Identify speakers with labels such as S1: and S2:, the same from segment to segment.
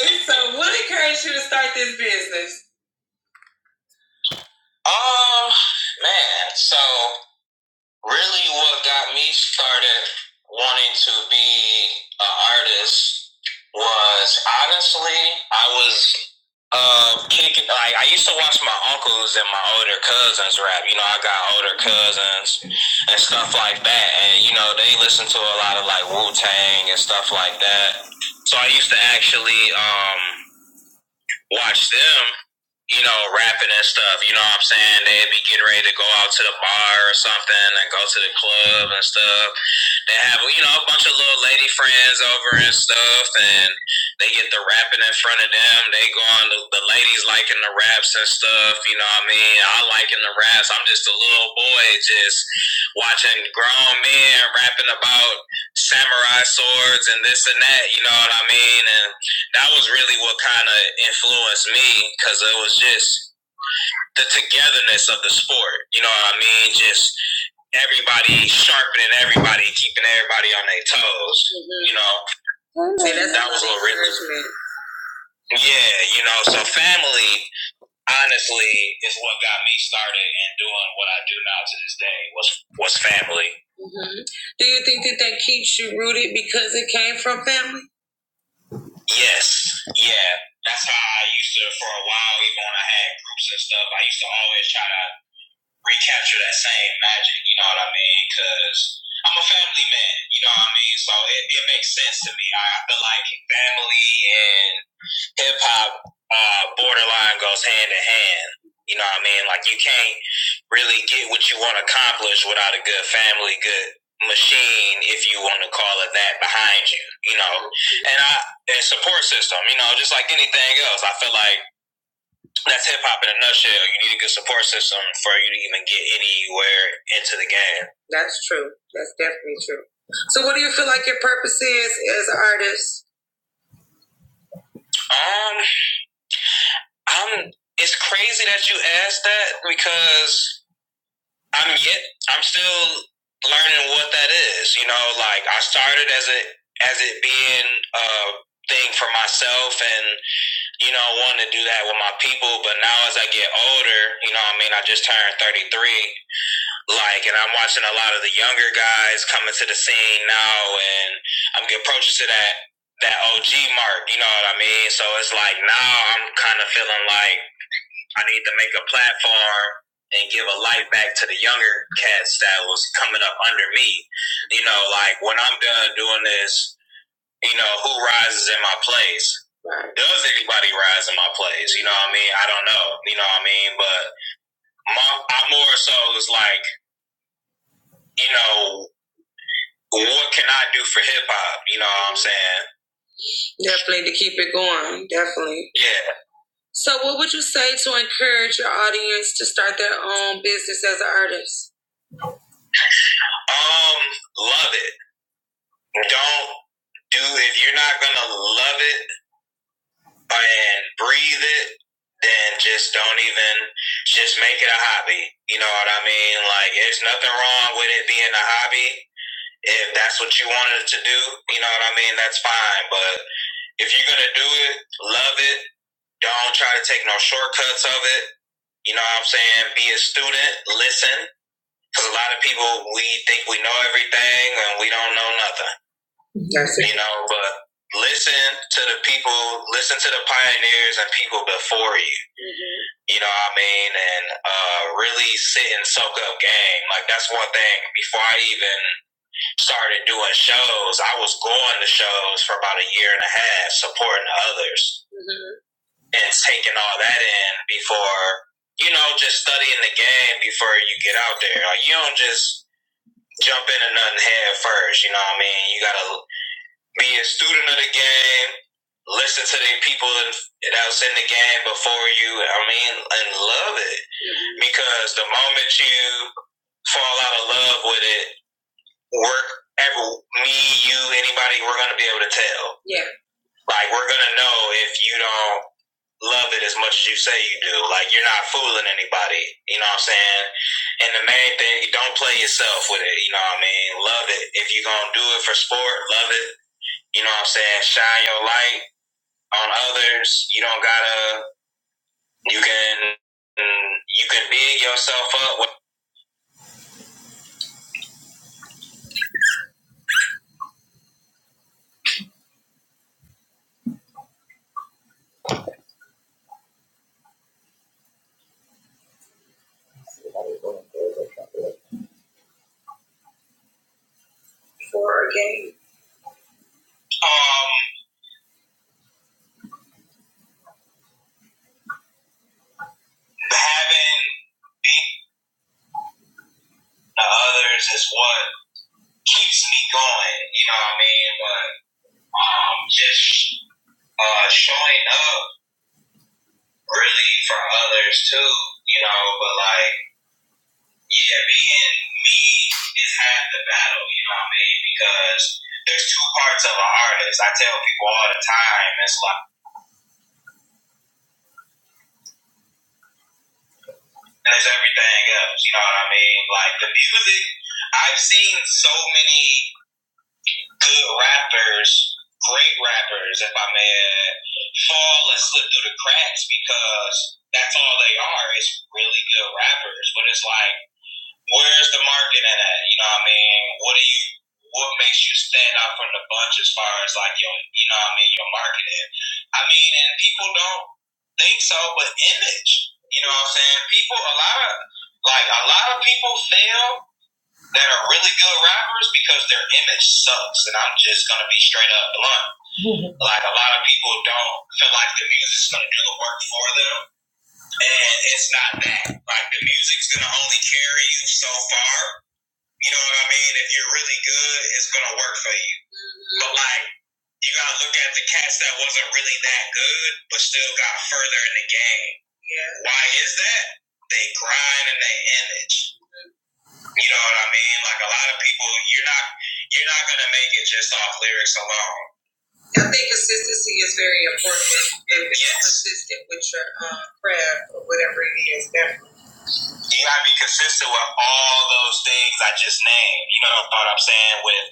S1: So, what encouraged you to start this business? Um, man, so really what got me started wanting to be an artist was honestly, I was uh kicking like I used to watch my uncles and my older cousins rap. You know, I got older cousins and stuff like that. And you know, they listen to a lot of like Wu Tang and stuff like that. So I used to actually um watch them, you know, rapping and stuff. You know what I'm saying? They'd be getting ready to go out to the bar or something and go to the club and stuff they have you know a bunch of little lady friends over and stuff, and they get the rapping in front of them. They go on the, the ladies liking the raps and stuff. You know what I mean? I liking the raps. I'm just a little boy just watching grown men rapping about samurai swords and this and that. You know what I mean? And that was really what kind of influenced me because it was just the togetherness of the sport. You know what I mean? Just everybody sharpening everybody, keeping everybody on their toes. Mhm. You know, See, that's that was a little really. Yeah, you know, so family honestly is what got me started and doing what I do now to this day was was family. hmm Do you think that that keeps you rooted because it came from family? Yes. Yeah. That's how I used to for a while. Even when I had groups and stuff, I used to always try to recapture that same magic. You know what I mean? Because I'm a family man. You know what I mean? So it, it makes sense to me. I, I feel like family and hip hop uh, borderline goes hand in hand. You know what I mean? Like you can't really get what you want to accomplish without a good family, good machine, if you want to call it that, behind you. You know, and I and support system. You know, just like anything else, I feel like that's hip hop in a nutshell. You need a good support system for you to even get anywhere into the game. That's true. That's definitely true. So, what do you feel like your purpose is as an artist? Um, I'm. It's crazy that you asked that because I'm yet. I'm still learning what that is. You know, like I started as a as it being a thing for myself and you know, wanting to do that with my people. But now as I get older, you know, what I mean, I just turned 33. Like, and I'm watching a lot of the younger guys coming to the scene now, and I'm getting approaches to that that OG mark. You know what I mean? So it's like now I'm kind of feeling like I need to make a platform and give a light back to the younger cats that was coming up under me. You know, like when I'm done doing this, you know, who rises in my place? Right. Does anybody rise in my place? You know what I mean? I don't know. You know what I mean? But my, I more so is like, you know, But what can I do for hip hop? You know what I'm saying? Definitely to keep it going. Definitely. Yeah. So, what would you say to encourage your audience to start their own business as an artist? Um, love it. Don't do if you're not gonna love it and breathe it, then just don't even just make it a hobby. You know what I mean? Like, there's nothing wrong with it being a hobby. If that's what you wanted to do, you know what I mean. That's fine, but If you're gonna do it, love it. Don't try to take no shortcuts of it. You know what I'm saying? Be a student, listen. Because a lot of people, we think we know everything and we don't know nothing. That's it. You know, but listen to the people, listen to the pioneers and people before you. Mm-hmm. You know what I mean? And uh, really sit and soak up game. Like, that's one thing. Before I even started doing shows, I was going to shows for about a year and a half, supporting others. Mm-hmm and taking all that in before you know just studying the game before you get out there. Like you don't just jump into nothing head first. You know what I mean? You gotta be a student of the game, listen to the people that's in the game before you. I mean, and love it because the moment you fall out of love with it, work every me, you, anybody, we're gonna be able to tell. Yeah. Like we're gonna know if you don't love it as much as you say you do. Like you're not fooling anybody. You know what I'm saying? And the main thing, don't play yourself with it. You know what I mean? Love it. If you're gonna do it for sport, love it. You know what I'm saying? Shine your light on others. You don't gotta. You can. You can big yourself up with for a game. Um, having beat the others is what keeps me going. You know what I mean? But um, just uh, showing up really for others too, you know. But like, yeah, being me is half the battle, you know what I mean? Because there's two parts of an artist. I tell people all the time, it's like there's everything else, you know what I mean? Like the music, I've seen so many. good rappers, great rappers, if I may add, fall and slip through the cracks because that's all they are is really good rappers. But it's like, where's the market in that? You know what I mean? What do you, what makes you stand out from the bunch as far as like your, you know what I mean, your marketing? I mean, and people don't think so, but image. You know what I'm saying? People, a lot of, like, a lot of people fail that are really good rappers because their image sucks. And I'm just gonna be straight up blunt. Like a lot of people don't feel like the music's gonna do the work for them, and it's not that. Like the music's gonna only carry you so far. You know what I mean? If you're really good, it's gonna work for you. But like. You gotta look at the cats that wasn't really that good, but still got further in the game. Yeah. Why is that? They grind and they image. You know what I mean? Like a lot of people, you're not you're not gonna make it just off lyrics alone. I think consistency is very important. If you're Yes. consistent with your um, craft or whatever it is, definitely. You gotta be consistent with all those things I just named. You know what I'm saying? With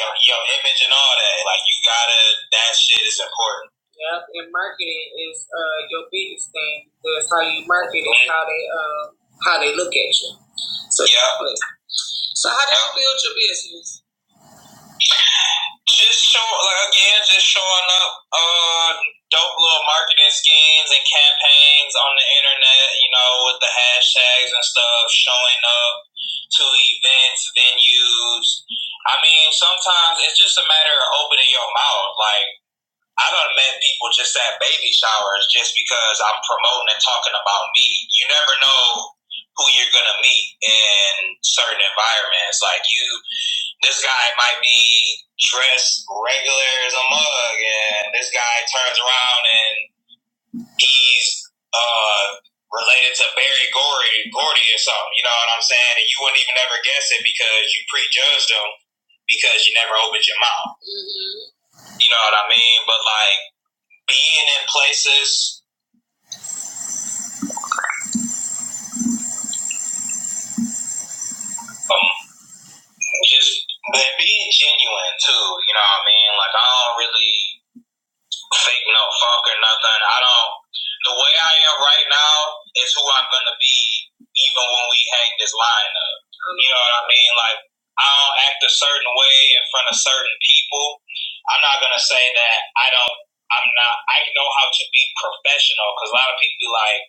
S1: your your image and all that. Like you gotta that shit is important. Yep, and marketing is uh, your biggest thing. That's how you market it, mm-hmm. how they uh, how they look at you. So Yeah. So how did you build your business? Just show like again, just showing up uh dope little marketing schemes and campaigns on the internet, you know, with the hashtags and stuff, showing up to events, venues. I mean, sometimes it's just a matter of opening your mouth. Like I done met people just at baby showers just because I'm promoting and talking about me. You never know who you're gonna meet in certain environments. Like you this guy might be dressed regular as a mug, and this guy turns around and he's uh, related to Barry Gordy, Gordy or something. You know what I'm saying? And you wouldn't even ever guess it because you prejudged him because you never opened your mouth. Mhm. You know what I mean? But like being in places, um, just but being genuine too. You know what I mean? Like I don't really. fake no funk or nothing. I don't. The way I am right now is who I'm gonna be, even when we hang this line up. You know what I mean? Like I don't act a certain way in front of certain people. I'm not gonna say that I don't. I'm not. I know how to be professional because a lot of people be like,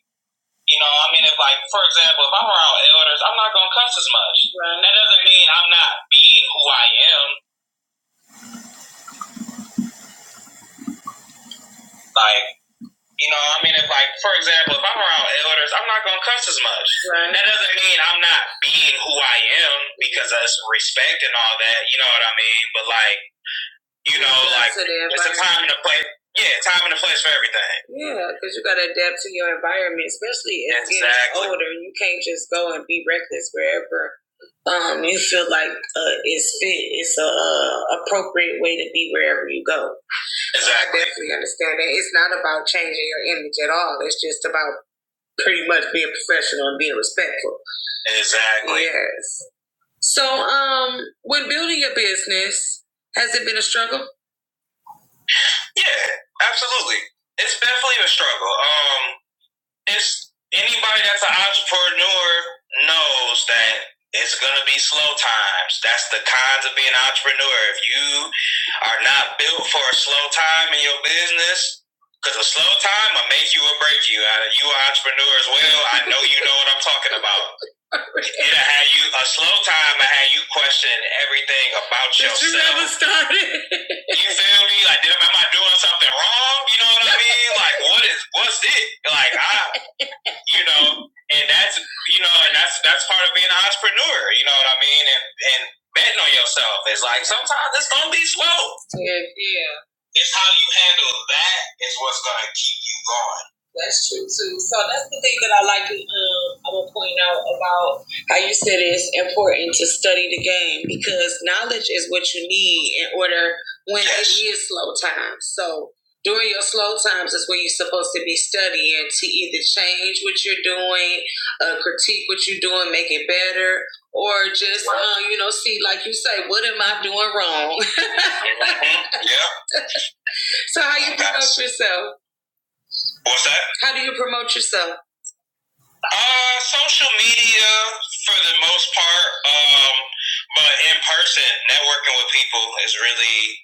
S1: you know, I mean, if like for example, if I'm around elders, I'm not gonna cuss as much. Right. That doesn't mean I'm not being who I am. Like You know, what I mean, if like for example, if I'm around elders, I'm not gonna cuss as much. Right. That doesn't mean I'm not being who I am because of respect and all that. You know what I mean? But like, you know, like it's a right? time and a place. Yeah, time and a place for everything. Yeah, because you got to adapt to your environment, especially as Exactly. getting older. You can't just go and be reckless wherever um, you feel like uh, it's fit. It's a uh, appropriate way to be wherever you go. Exactly. Definitely understand that. It's not about changing your image at all. It's just about pretty much being professional and being respectful. Exactly. Yes. So, um, when building your business, has it been a struggle? Yeah, absolutely. It's definitely a struggle. Um, it's anybody that's an entrepreneur knows that it's gonna be slow times. That's the cons of being an entrepreneur. If you are not built for a slow time in your business, because a slow time will make you or break you. Uh, You are an entrepreneur as well. I know you know what I'm talking about. It'll have you a slow time and have you question everything about yourself. You never started. you feel me? Like, am I doing something wrong? You know what I mean? Like, what is what's it? Like, I you know, and that's you know, and that's that's part of being an entrepreneur. You know what I mean? And and betting on yourself is like sometimes it's gonna be slow. Yeah, yeah. It's how you handle that is what's gonna keep you going. That's true too. So that's the thing that I like. to, Um, I'm gonna point out about how you said it's important to study the game because knowledge is what you need in order when it is slow time. So during your slow times is when you're supposed to be studying to either change what you're doing, uh, critique what you're doing, make it better, or just uh, you know see, like you say, what am I doing wrong? Mhm. Yeah. so how you promote That's- yourself? What's that? How do you promote yourself? Uh, social media for the most part, um, but in person, networking with people is really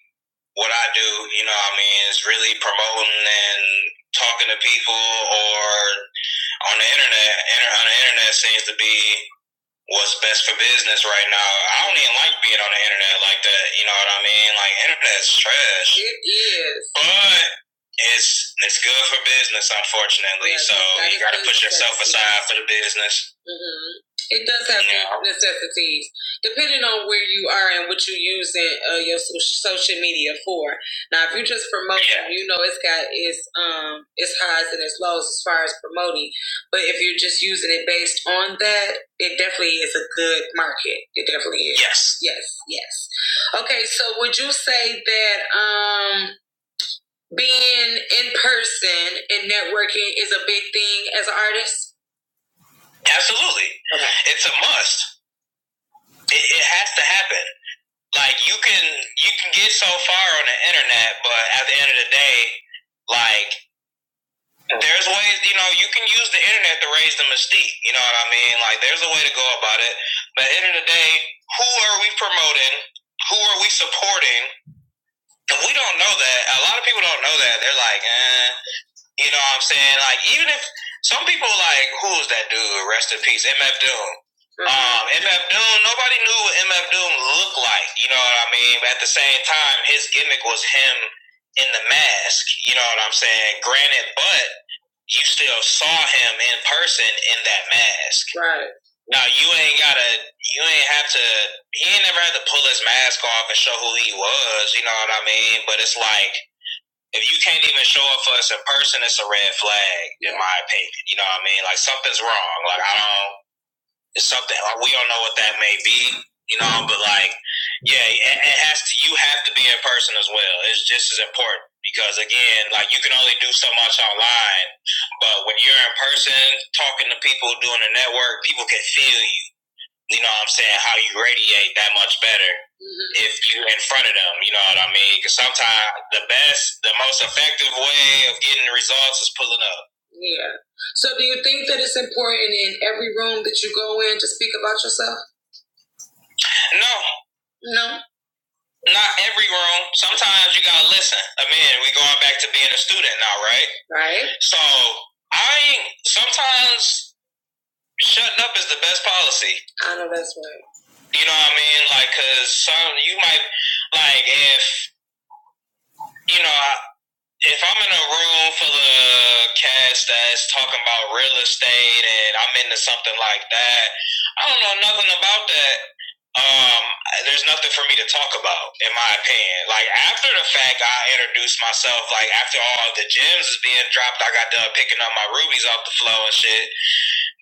S1: what I do, you know what I mean, is really promoting and talking to people or on the internet. on the internet seems to be what's best for business right now. I don't even like being on the internet like that. You know what I mean? Like internet's trash. It is. But it's it's good for business, unfortunately. Yes, so you got to put yourself aside for the business. mm hmm It does have Yeah. necessities, depending on where you are and what you are using uh, your so- social media for. Now, if you're just promoting, Yeah. you know it's got its um its highs and its lows as far as promoting. But if you're just using it based on that, it definitely is a good market. It definitely is. Yes. Yes. Yes. Okay. So would you say that um, being in person and networking is a big thing as an artist? Absolutely. Okay. It's a must. It, it has to happen. Like you can you can get so far on the internet, but at the end of the day, like There's ways, you know, you can use the internet to raise the mystique. You know what I mean? Like, there's a way to go about it. But at the end of the day, who are we promoting? Who are we supporting? And we don't know that. A lot of people don't know that. They're like, eh. You know what I'm saying? Like, even if some people, like, who's that dude? Rest in peace, MF Doom. Um, MF Doom, nobody knew what MF Doom looked like. You know what I mean? But at the same time, his gimmick was him in the mask. You know what I'm saying? Granted, but you still saw him in person in that mask. Right. Now you ain't gotta, you ain't have to. He ain't never had to pull his mask off and show who he was. You know what I mean? But it's like if you can't even show up for us in person, it's a red flag, in my opinion. You know what I mean? Like something's wrong. Like I don't. It's something like we don't know what that may be, you know. But like, yeah, it, it has to. You have to be in person as well. It's just as important because again, like you can only do so much online, but when you're in person, talking to people, doing the network, people can feel you you know what I'm saying, how you radiate that much better if you are in front of them, you know what I mean? Because sometimes the best, the most effective way of getting the results is pulling up. Yeah. So do you think that it's important in every room that you go in to speak about yourself? No. No. Not every room. Sometimes you gotta listen. I mean, we going back to being a student now, right? Right. So I sometimes shutting up is the best policy. I know that's right. You know what I mean? Like, cause some you might like if you know if I'm in a room full of cats that's talking about real estate and I'm into something like that, I don't know nothing about that. Um, there's nothing for me to talk about, in my opinion. Like after the fact, I introduced myself. Like after all the gems is being dropped, I got done picking up my rubies off the floor and shit.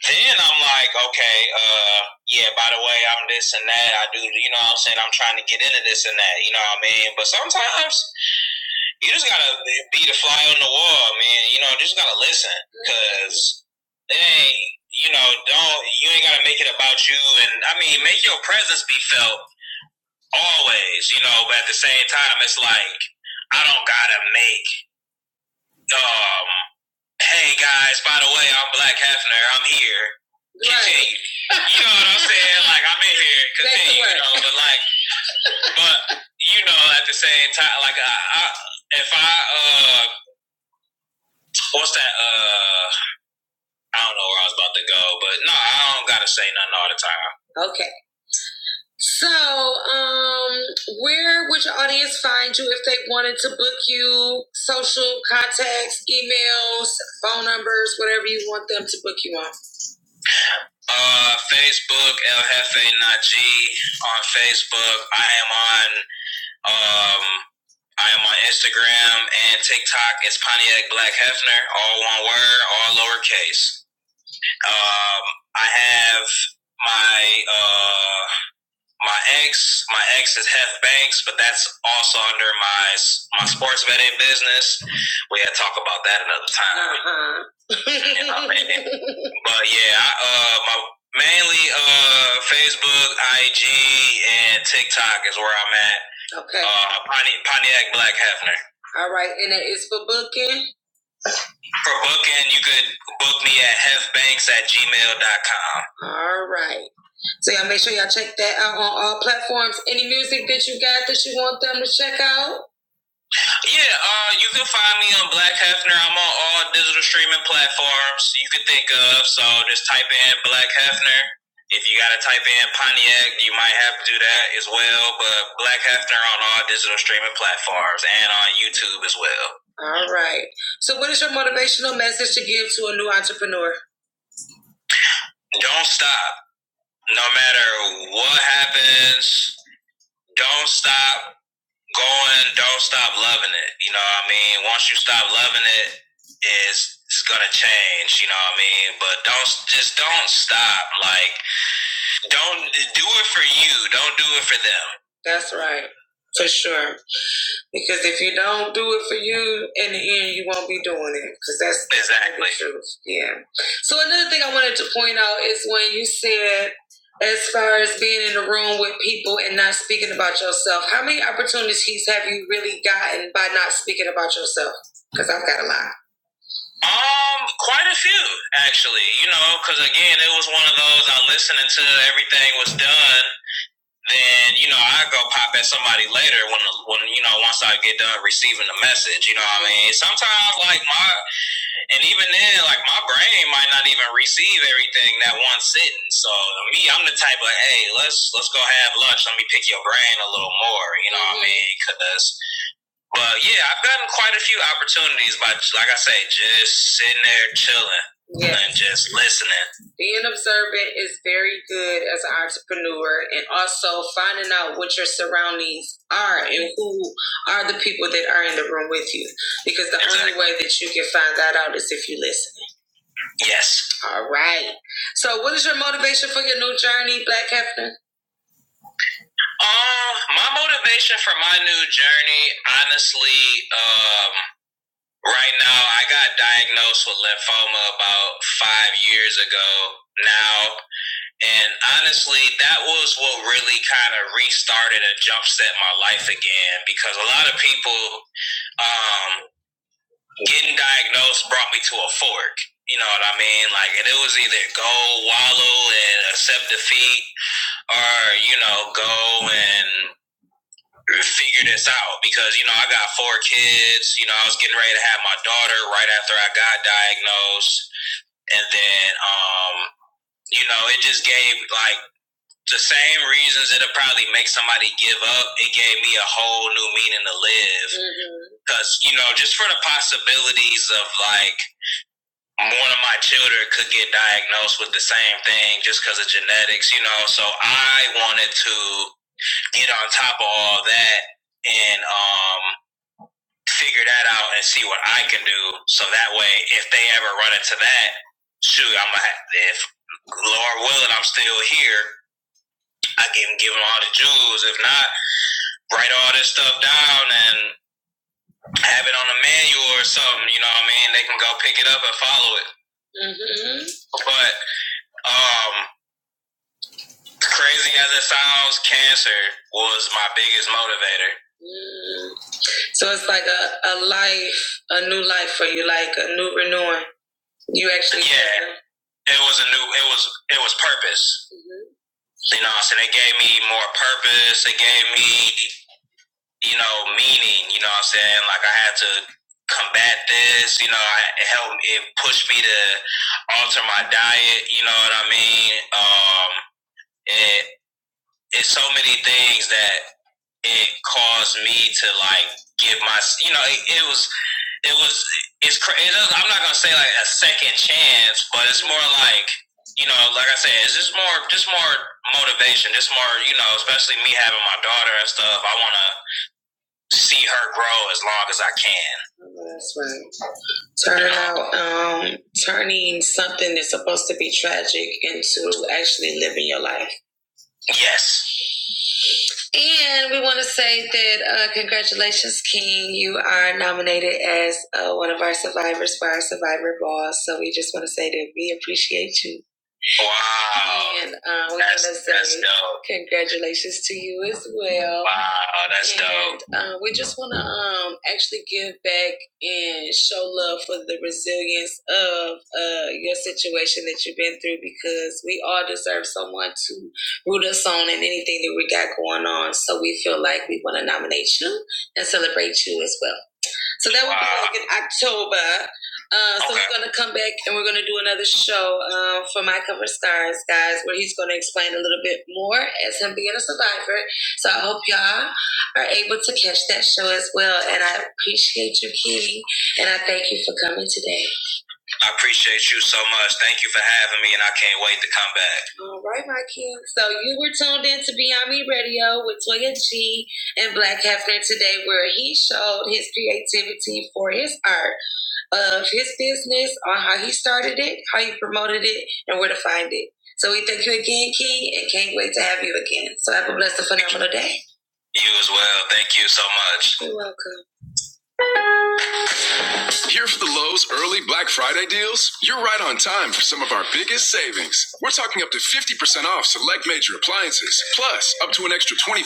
S1: Then I'm like, okay, uh, yeah, by the way, I'm this and that. I do, you know what I'm saying? I'm trying to get into this and that, you know what I mean? But sometimes you just gotta be the fly on the wall, man. You know, just gotta listen. Cause it ain't, you know, don't, you ain't gotta make it about you. And I mean, make your presence be felt always, you know, but at the same time, it's like, I don't gotta make um, hey guys, by the way, I'm Black Hefner. I'm here. Right. Continue. Right. You know what I'm saying? Like I'm in here. Continue. You know, but like, but you know, at the same time, like I, I if I uh, what's that? Uh, I don't know where I was about to go, but no, I don't gotta say nothing all the time. Okay. So, um, where would your audience find you if they wanted to book you? Social contacts, emails, phone numbers, whatever you want them to book you on. Uh, Facebook, El Jefe Najee on Facebook. I am on um, I am on Instagram and TikTok. It's Pontiac Black Hefner, all one word, all lowercase. Um, I have my uh, my ex, my ex is Hef Banks, but that's also under my my sports betting business. We had to talk about that another time. Uh-huh. You know what But yeah, I, uh, my mainly uh Facebook, IG, and TikTok is where I'm at. okay. Uh, Pontiac Black Hefner. All right. And that is for booking. For booking, you could book me at hefbanks at gmail dot com. All right. So y'all make sure y'all check that out on all platforms. Any music that you got that you want them to check out? Yeah, uh, you can find me on Black Hefner. I'm on all digital streaming platforms you can think of. So just type in Black Hefner. If you gotta type in Pontiac, you might have to do that as well. But Black Hefner on all digital streaming platforms and on YouTube as well. All right. So, what is your motivational message to give to a new entrepreneur? Don't stop. No matter what happens, don't stop. going, don't stop loving it. You know what I mean? Once you stop loving it, it's, it's gonna change, you know what I mean? But don't just don't stop. Like don't do it for you. Don't do it for them. That's right. For sure. Because if you don't do it for you, in the end, you won't be doing it. Because that's exactly the truth. Yeah. So another thing I wanted to point out is when you said, as far as being in the room with people and not speaking about yourself, how many opportunities have you really gotten by not speaking about yourself? Because I've got a lot. Um, quite a few actually. You know, because again, it was one of those I listened to everything was done then you know I go pop at somebody later when when you know once I get done receiving the message. You know what I mean? Sometimes like my and even then like my brain might not even receive everything that one sitting. So to me, I'm the type of hey, let's let's go have lunch. Let me pick your brain a little more. You know what I mean? Because well, yeah, I've gotten quite a few opportunities by, like I say, just sitting there chilling Yes. and just listening. Being observant is very good as an entrepreneur and also finding out what your surroundings are and who are the people that are in the room with you. Because the Exactly. only way that you can find that out is if you listen. Yes. All right. So, what is your motivation for your new journey, Black Hefner? Um, my motivation for my new journey, honestly, um, Right now, I got diagnosed with lymphoma about five years ago now. And honestly, that was what really kind of restarted and jumpset my life again because a lot of people, um, getting diagnosed brought me to a fork. You know what I mean? Like, and it was either go wallow and accept defeat or, you know, go and figure this out because you know I got four kids. You know I was getting ready to have my daughter right after I got diagnosed, and then um, you know it just gave like the same reasons that'll probably make somebody give up. It gave me a whole new meaning to live because mm-hmm. you know just for the possibilities of like one of my children could get diagnosed with the same thing just because of genetics, you know. So I wanted to get on top of all that and um figure that out and see what I can do. So that way, if they ever run into that, shoot, I'm gonna have, if Lord willing, I'm still here. I can give them all the jewels. If not, write all this stuff down and have it on a manual or something. You know what I mean? They can go pick it up and follow it. hmm But um, crazy as it sounds, cancer was my biggest motivator. Mm. So it's like a, a life, a new life for you, like a new renewing. You actually Yeah. Did. It was a new. It was it was purpose. Mm-hmm. You know, what I'm saying it gave me more purpose. It gave me, you know, meaning. You know, what I'm saying like I had to combat this. You know, it helped. It pushed me to alter my diet. You know what I mean? Um, it it's so many things that it caused me to like give my. You know, it, it was it was it's crazy. it gonna say like a second chance, but it's more like you know, like I said, it's just more just more motivation, just more you know, especially me having my daughter and stuff. I want to see her grow as long as I can. That's right. Turn out, um, turning something that's supposed to be tragic into actually living your life. Yes. And we want to say that uh, congratulations, King. You are nominated as uh, one of our survivors for our Survivor Ball. So we just want to say that we appreciate you Wow. And um, we want That's to say dope. congratulations to you as well. Wow, that's and, dope. And uh, we just want to um, actually give back and show love for the resilience of uh, your situation that you've been through because we all deserve someone to root us on in anything that we got going on. So we feel like we want to nominate you and celebrate you as well. So that would be Wow. like in October. Uh, so Okay. we're gonna come back and we're gonna do another show uh, for My Cover Stars, guys, where he's gonna explain a little bit more as him being a survivor. So I hope y'all are able to catch that show as well. And I appreciate you, King, and I thank you for coming today. I appreciate you so much. Thank you for having me, and I can't wait to come back. All right, my king. So you were tuned in to Beyond Me Radio with Toya G and Black Hefner today, where he showed his creativity for his art of his business, on how he started it, how he promoted it, and where to find it. So we thank you again, King, and can't wait to have you again. So have a blessed, phenomenal day. You as well. Thank you so much. You're welcome. Here for the Lowe's early Black Friday deals? You're right on time for some of our biggest savings. We're talking up to 50% off select major appliances, plus up to an extra 25%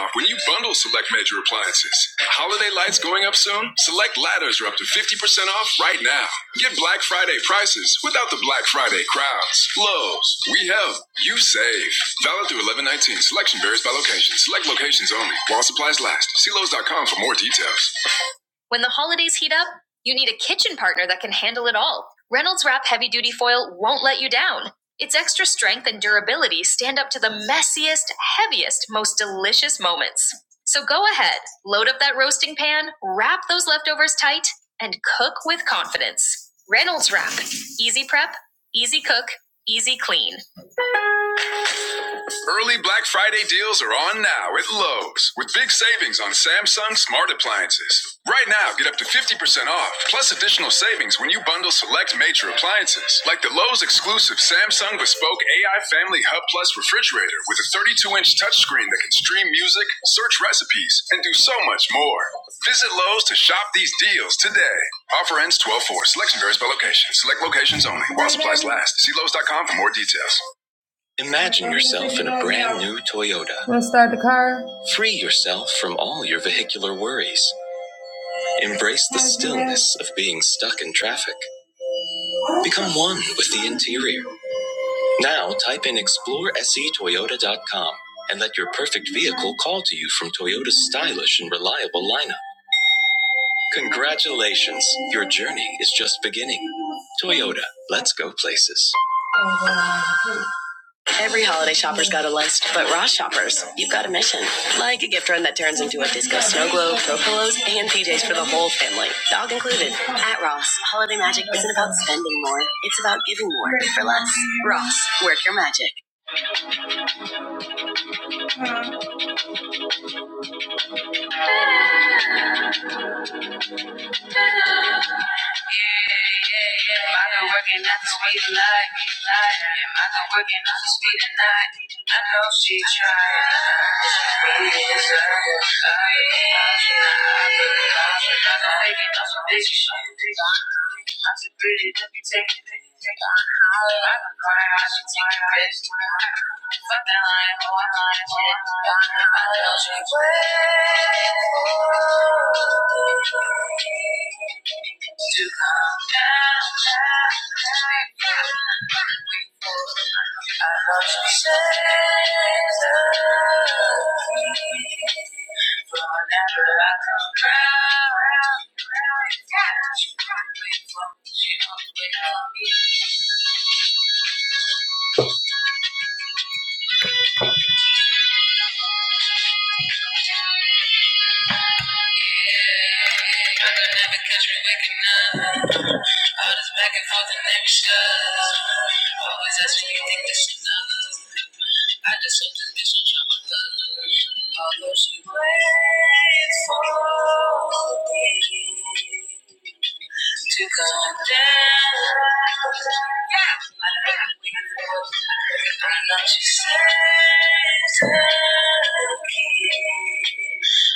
S1: off when you bundle select major appliances. Holiday lights going up soon? Select ladders are up to 50% off right now. Get Black Friday prices without the Black Friday crowds. Lowe's, we help, you save. Valid through 1119. Selection varies by location. Select locations only. While supplies last. See lowes. dot com for more details. When the holidays heat up, you need a kitchen partner that can handle it all. Reynolds Wrap Heavy Duty Foil won't let you down. Its extra strength and durability stand up to the messiest, heaviest, most delicious moments. So go ahead, load up that roasting pan, wrap those leftovers tight, and cook with confidence. Reynolds Wrap. Easy prep, easy cook, easy clean. Early Black Friday deals are on now at Lowe's with big savings on Samsung smart appliances. Right now, get up to 50% off, plus additional savings when you bundle select major appliances, like the Lowe's exclusive Samsung Bespoke AI Family Hub Plus refrigerator with a 32 inch touchscreen that can stream music, search recipes, and do so much more. Visit Lowe's to shop these deals today. Offer ends twelve four. 4. Selection varies by location, select locations only. See Lowe's dot com for more details. Imagine Toyota. Free yourself from all your vehicular worries. Embrace the s- of being stuck in traffic. Become one with the interior. Now type in exploreSEToyota.com and let your perfect vehicle call to you from Toyota's stylish and reliable lineup. Congratulations, your journey is just beginning. Toyota, let's go places. Every holiday shopper's got a lunch shoppers. like and PJs for the whole family, dog included. At Ross, holiday magic isn't about spending more; it's about giving more. Work your magic. Yeah, yeah, yeah. I got working, I can sweet at night. I got working, I can sweet at night. I She tried, she really deserved it. I got a baby, got some bitches, she a bitch. I'm too pretty, let me take it. I've been crying, I should take a rest. Fuck that lying, hoe, I'm lying, shit. I know she waiting to come down. I want you shine on me. But Whenever I come round Wait for me, she always on me I could never catch me waking up. All this back and forth and Always asking you think this is I just hope this bitch don't drop my love. Although she waits for me to go down. I'm not your Santa kid,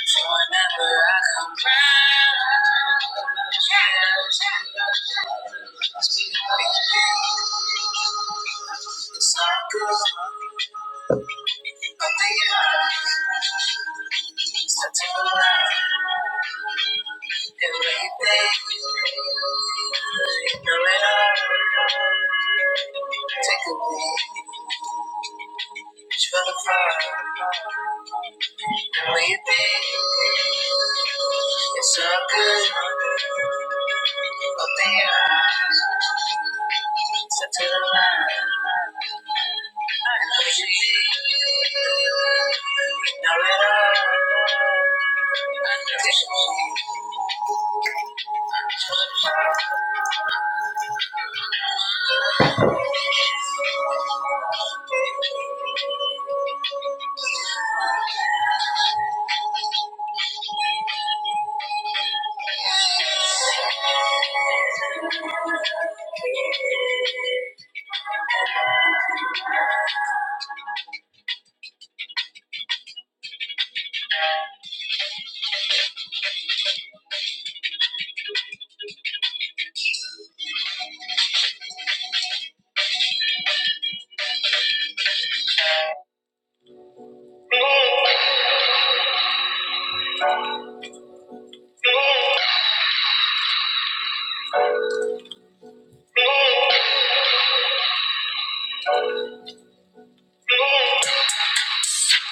S1: so whenever I come round, yeah, it's all good. Take a beat, feel the fire. The way you think, it's so good. Open your eyes, step to the line. I know she Thank you.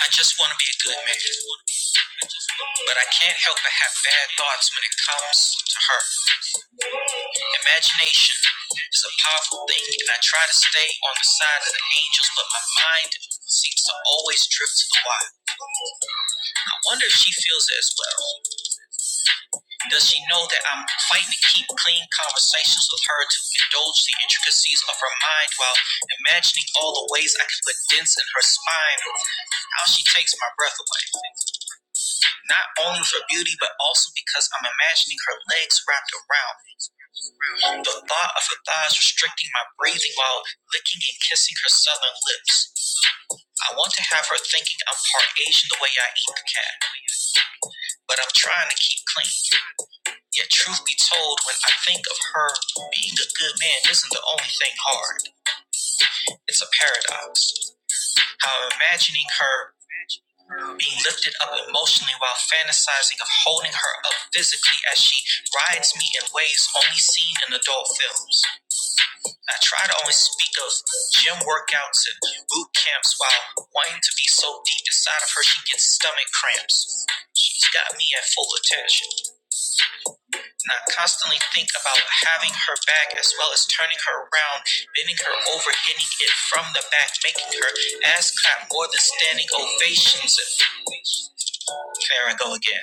S1: I just want to be a good man. But I can't help but have bad thoughts when it comes to her. Imagination is a powerful thing, and I try to stay on the side of the angels, but my mind seems to always drift to the wild. I wonder if she feels it as well. Does she know that I'm fighting to keep clean conversations with her to indulge the intricacies of her mind while imagining all the ways I can put dents in her spine or how she takes my breath away? not only for beauty, but also because I'm imagining her legs wrapped around me. The thought of her thighs restricting my breathing while licking and kissing her southern lips. I want to have her thinking I'm part Asian the way I eat the cat, but I'm trying to keep clean. Yet, truth be told, when I think of her, being a good man isn't the only thing hard. It's a paradox. How I'm imagining her being lifted up emotionally while fantasizing of holding her up physically as she rides me in ways only seen in adult films. I try to only speak of gym workouts and boot camps while wanting to be so deep inside of her she gets stomach cramps. She's got me at full attention. And I constantly think about having her back as well as turning her around, bending her over, hitting it from the back, making her ass clap more than standing ovations. And there I go again.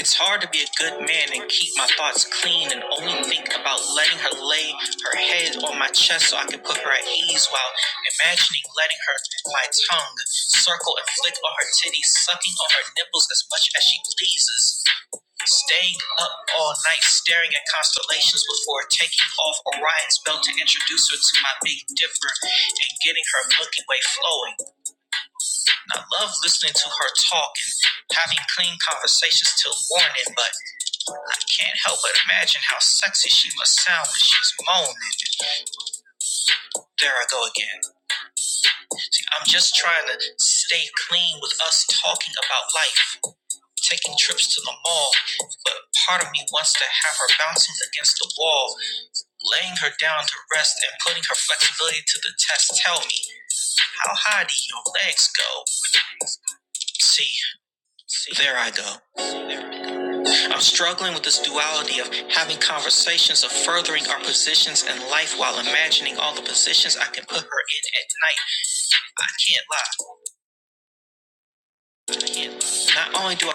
S1: It's hard to be a good man and keep my thoughts clean and only think about letting her lay her head on my chest so I can put her at ease while imagining letting her, my tongue, circle and flick on her titties, sucking on her nipples as much as she pleases. Staying up all night staring at constellations before taking off Orion's belt to introduce her to my big dipper and getting her Milky Way flowing. And I love listening to her talk and having clean conversations till morning, but can't help but imagine how sexy she must sound when she's moaning. There I go again. See, I'm just trying to stay clean with us talking about life, taking trips to the mall, but part of me wants to have her bouncing against the wall, laying her down to rest and putting her flexibility to the test. Tell me, how high do your legs go? See, see, there I go. I'm struggling with this duality of having conversations of furthering our positions in life while imagining all the positions I can put her in at night. I can't lie. I can't. Not only do I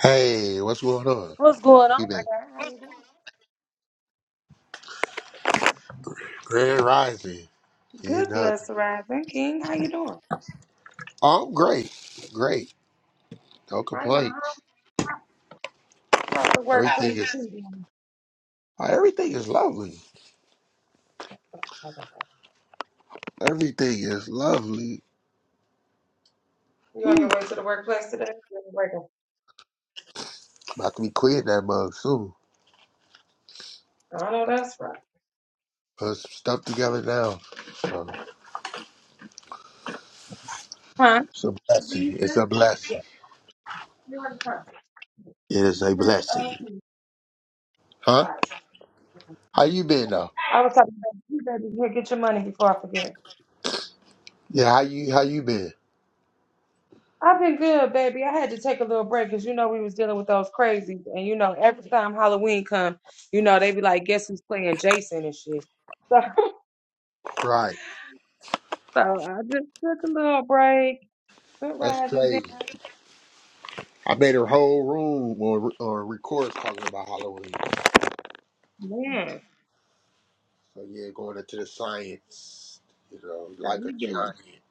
S2: Hey, what's going on? You been Grand Rising. You know, I'm great, great. Don't complain. Everything is everything is lovely. Everything is lovely. Whew. About to be quitting that mug soon. Put some stuff together now. So, it's a blessing. It's a blessing. It is a blessing. Huh? How you been though? Yeah, how you how you been? Right. That's crazy. I made a whole room on, on record talking about Halloween. So yeah, going into the science, you know, like a giant.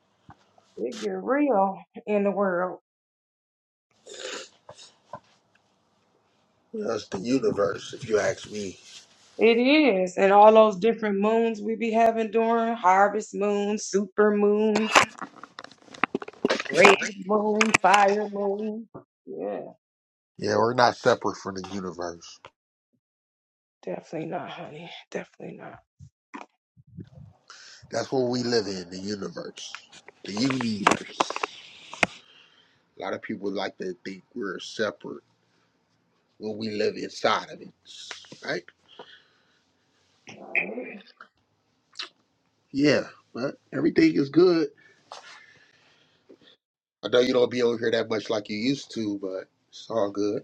S2: That's the universe, if you ask me. Yeah, we're not separate from the universe. That's what we live in, the universe. The universe. A lot of people like to think we're separate when we live inside of it. Right? Yeah, but everything is good. I know you don't be over here that much like you used to, but it's all good.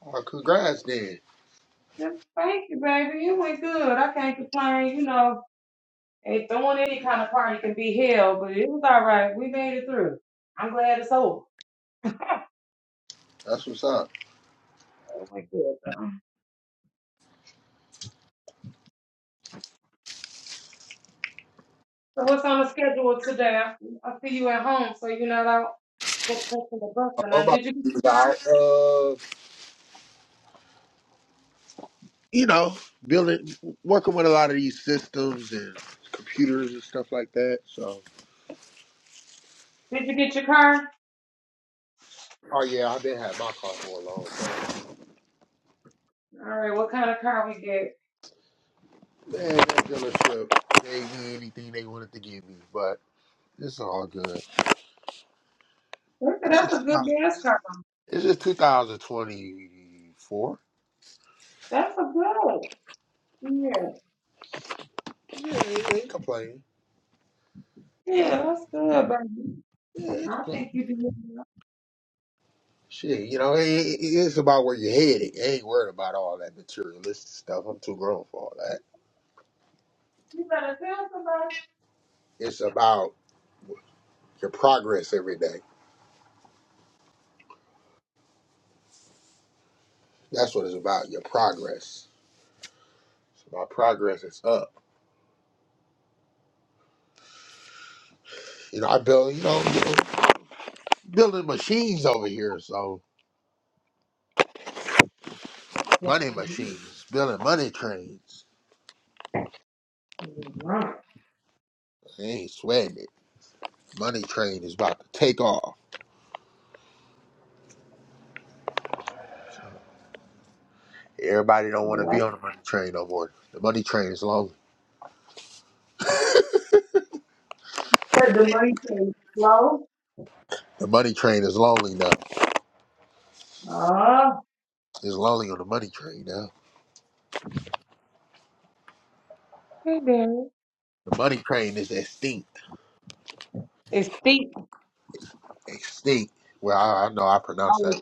S2: Well, congrats then. That's what's up. How about you, Val? you know, building, working with a lot of these systems and computers and stuff like that. So, Oh yeah, I've been had my car for a long time. Man, that dealership gave me anything they wanted to give me, but it's all good. It's just, it's just 2024. Yeah, ain't, ain't complaining. Yeah, ain't complaining. Shit, you know, it, it- it's about where you're headed. I ain't worried about all that materialistic stuff. I'm too grown for all that. It's about your progress every day. That's what it's about. Your progress. It's about progress. is up. You know, I build. You know, you know, building machines over here. So money machines, building money trains. I ain't sweating it. Money train is about to take off. So Everybody don't want to be on the money train no more. The money train is lonely. The money train is lonely now. It's lonely on the money train now. The money train is extinct. Extinct. Well, I, I know I pronounced that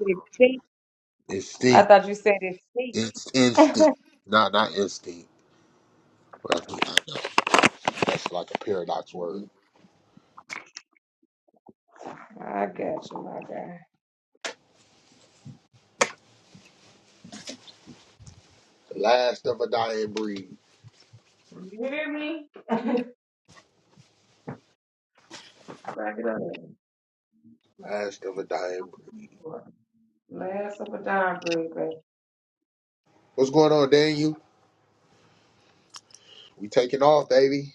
S2: extinct. It's instinct. No, not instinct. That's, that's like a paradox word. The last of a dying breed. Last of a dying breed. What's going on, Daniel? We taking off, baby.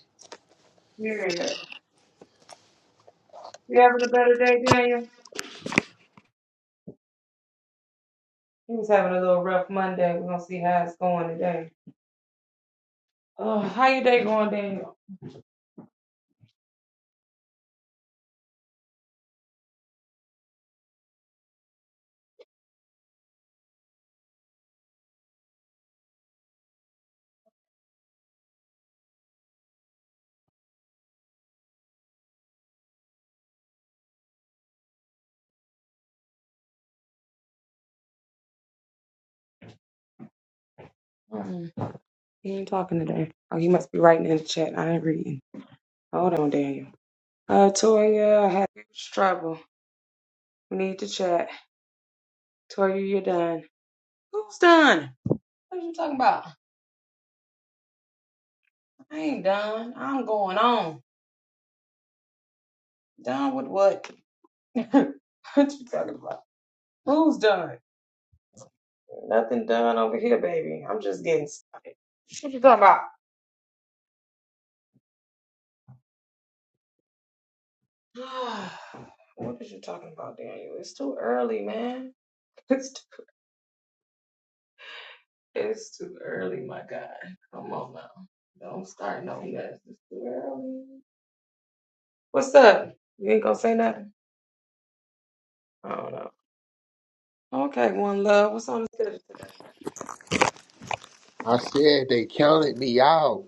S2: I said they counted me out.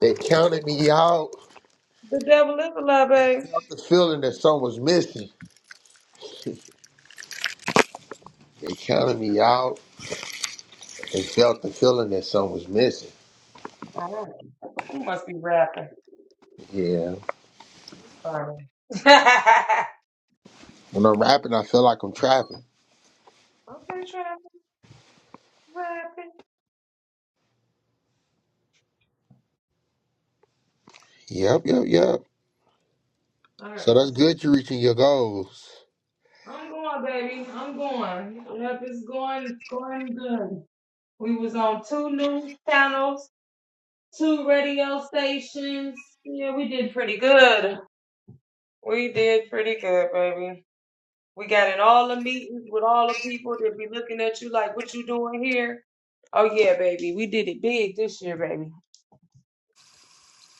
S2: They counted me out and felt the feeling that something was missing. They counted me out and felt the feeling that something was missing. Yeah. When I'm rapping, I feel like I'm trapping. Yep, yep, yep. So that's good you're reaching your goals.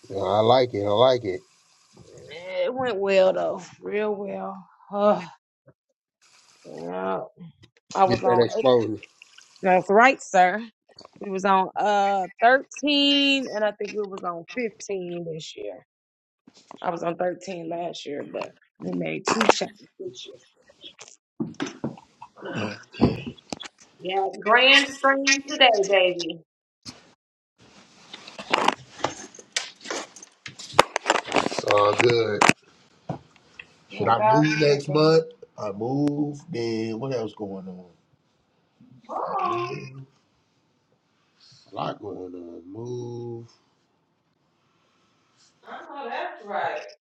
S2: Yeah, I like it. I like it. Get that exposure. It's all good. Should I move next month? I move. Then what else going on? I move. A lot going on. Move.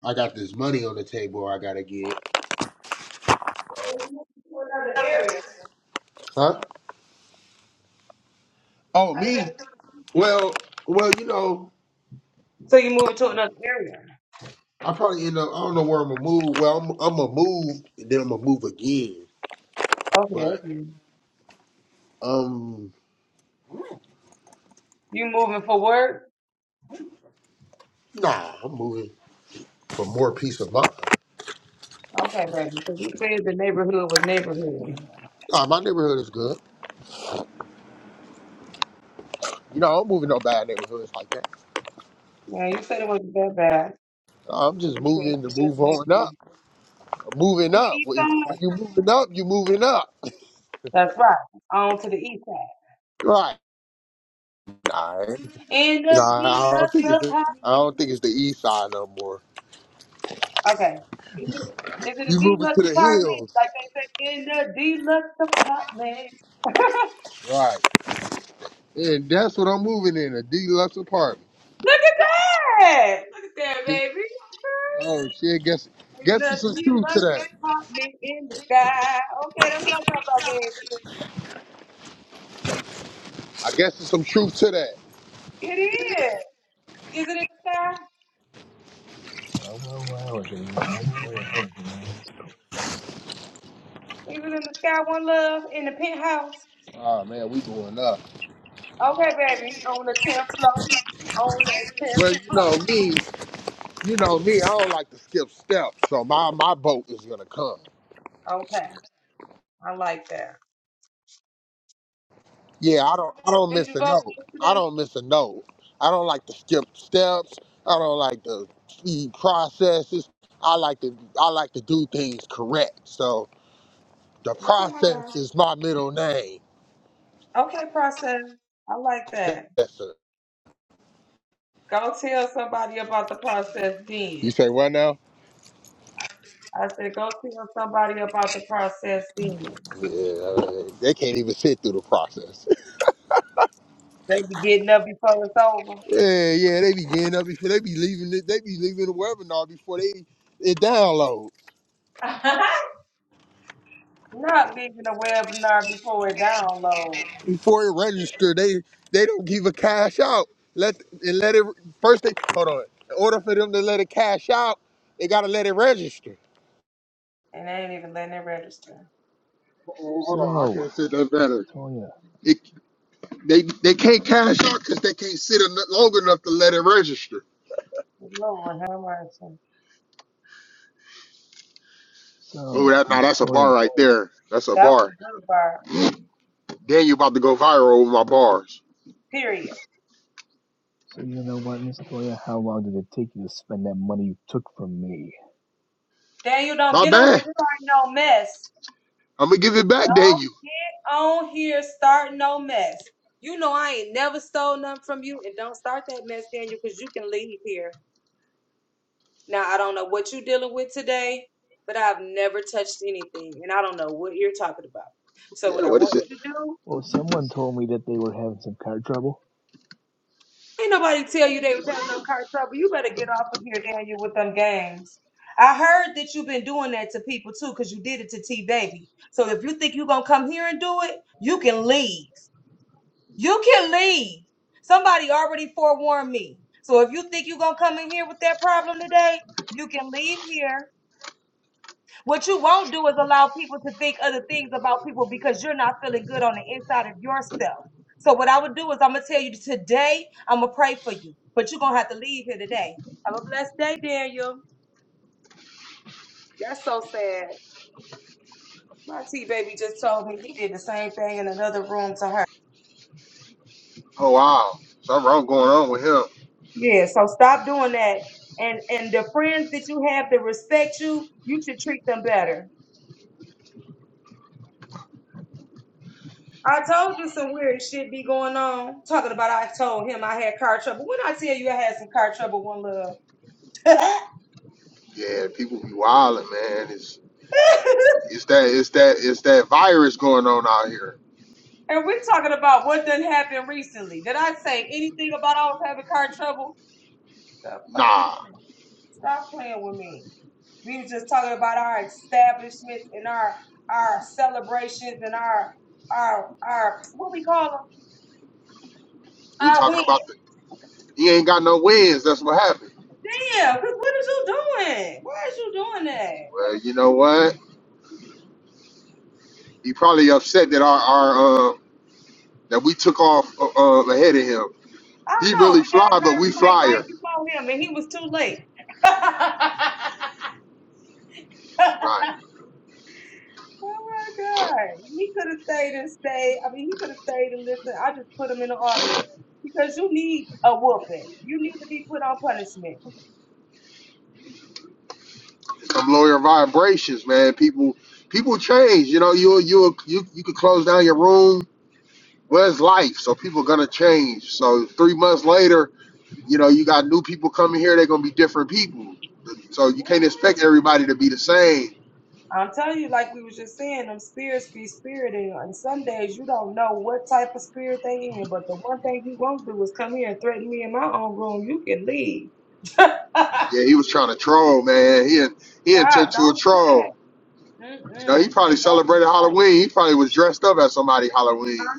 S2: I got this money on the table. I gotta get. Huh? Oh me? Well, well, you know, I probably end up. I don't know where I'm gonna move. Well, I'm, I'm gonna move. And then I'm gonna move again. But um, nah, I'm moving for more peace of mind. Nah, my neighborhood is good. You know, I'm moving no bad neighborhoods like that. Nah, I'm just moving to move on up. moving up. When when you moving up, you moving up. Right. Nah, eh? nah I don't think it's I don't think it's the east side no more. You moving to the hills. Right. And that's what I'm moving in, a deluxe apartment. Oh shit, guess guess there's some truth to that. I guess there's some truth to that.
S3: Well, well, well, if it isn't Miss Toya.
S2: Oh man, we going up. Well, you know me, you know me, I don't like to skip steps, so my my boat is gonna come. Yeah, I don't I don't miss a note. I don't miss a note. I don't like to skip steps. I don't like to speed processes. I like to I like to do things correct. So the process is my middle name. Processor. You say what now? Yeah, they can't even sit through the process. Yeah, yeah, they be getting up before they be leaving it. They be leaving the webinar before they it download. before it register, they they don't give a cash out. Let and let it first. They hold on. In order for them to let it cash out, they gotta let it register. Oh, hold on, I
S3: So,
S2: can say that
S3: Miss
S2: better.
S3: Toya.
S2: It, they they can't cash out because they can't sit en- long enough to let it register. Oh,
S3: So,
S2: that now
S3: Miss
S2: that's a bar
S3: Toya.
S2: right there. That's a bar. Daniel you about to go viral with my bars.
S3: So, you know what, Miss Toya? How long did it take you to spend that money you took from me?
S2: My bad. I'm gonna give it back, Daniel. Yeah, what is it?
S3: Well, someone told me that they were having some car trouble.
S2: Oh wow, something wrong going on with him. Yeah, people be wilding, man. It's that it's that it's that virus going on out here. Nah, we talking about the he ain't got no wins. That's what happened. Well, you know what? He probably upset that our our uh, that we took off uh, uh, ahead of him. He really fly, but we flyer. Right. Some lawyer vibrations, man. People people change. You know, you you you you could close down your room. Well, it's life, so people gonna change. So three months later, You know, you got new people coming here, they're gonna be different people. So you can't expect everybody to be the same. Yeah, he was trying to troll, man. He he turned to a troll. You know, he probably celebrated Halloween. He probably was dressed up as somebody Halloween.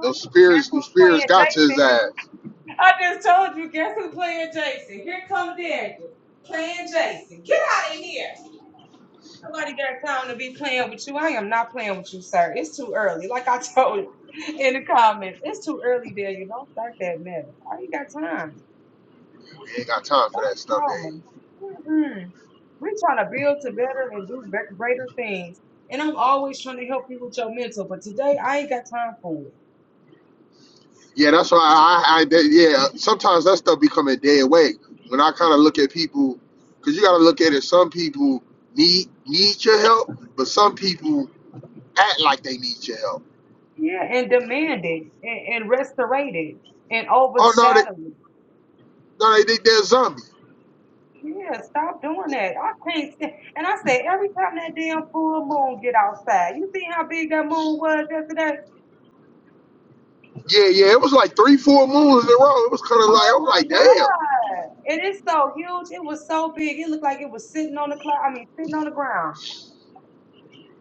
S2: Those spirits, those spirits got to his ass. We ain't got time for that stuff, Dave. Yeah, that's why I, I, I that, yeah. Sometimes that stuff become a dead weight. When I kind of look at people, because you got to look at it. Some people need need your help, but some people act like they need your help. Oh no, they no they think they're a zombie. Yeah, yeah. It was like three, four moons in a row. It was kind of like I was like, damn,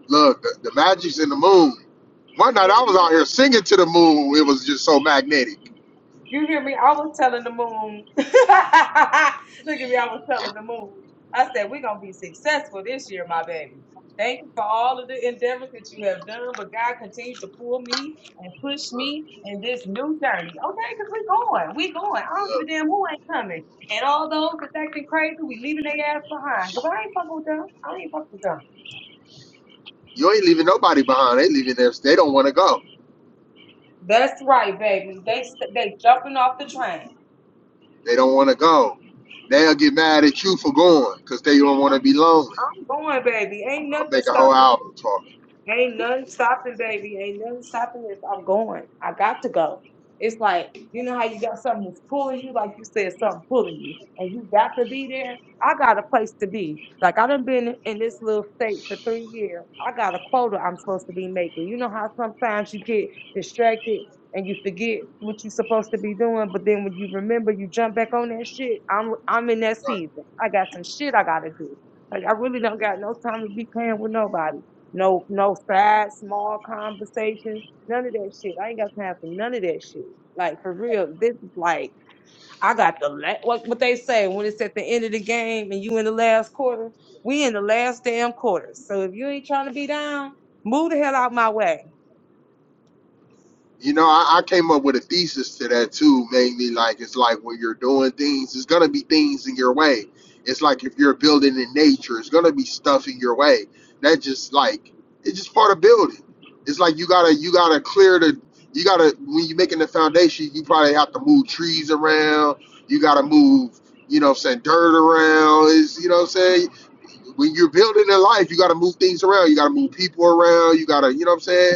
S2: look, the, the magic's in the moon. One night I was out here singing to the moon. It was just so magnetic. Look, you ain't leaving nobody behind. They leaving their. They don't want to go. They don't want to go. They'll get mad at you for going because they don't want to be lonely. I'll make a whole album talking. You know, I, I came up with a thesis to that too, mainly like it's like when you're doing things, it's gonna be things in your way. It's like if you're building in nature, it's gonna be stuff in your way. That just like it's just part of building. It's like you gotta you gotta clear the you gotta when you're making the foundation, you probably have to move trees around, you gotta move, you know what I'm saying, dirt around, is you know what I'm saying? when you're building in life, you gotta move things around, you gotta move people around, you gotta, you know what I'm saying?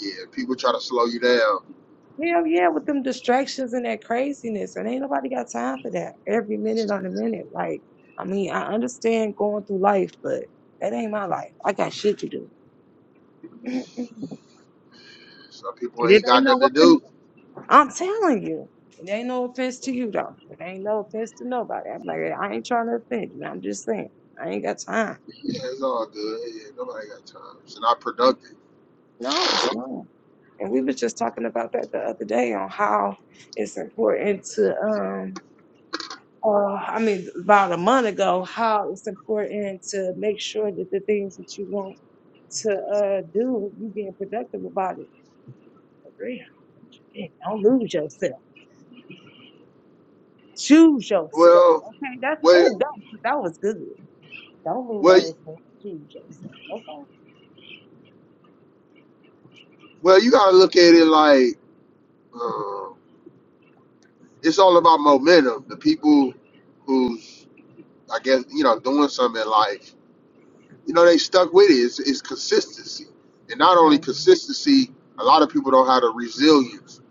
S2: Yeah, people try to slow you down. Some people ain't got nothing to do. Yeah, it's all good. Yeah, nobody got time. It's not productive. Well, well, well, well. You gotta look at it like um, it's all about momentum. The people who's, I guess, you know, doing something in life, you know, they stuck with it. It's, it's consistency, and not only consistency. A lot of people don't have the resilience.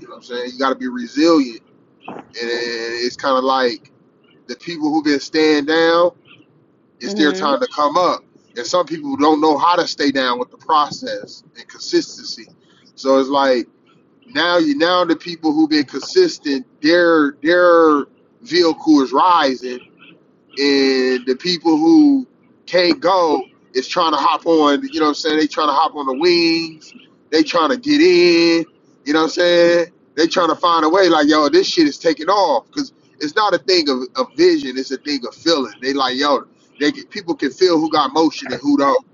S2: You know what I'm saying? You gotta be resilient, and it's kind of like the people who've been staying down It's their time to come up. And some people don't know how to stay down with the process and consistency. So it's like now you now the people who've been consistent, their their vehicle is rising and the people who can't go is trying to hop on, you know what I'm saying? They trying to hop on the wings, they trying to get in, you know what I'm saying? They trying to find a way like, yo, this shit is taking off because it's not a thing of, of vision, it's a thing of feeling. They like, yo, they can, people can feel who got motion and who don't.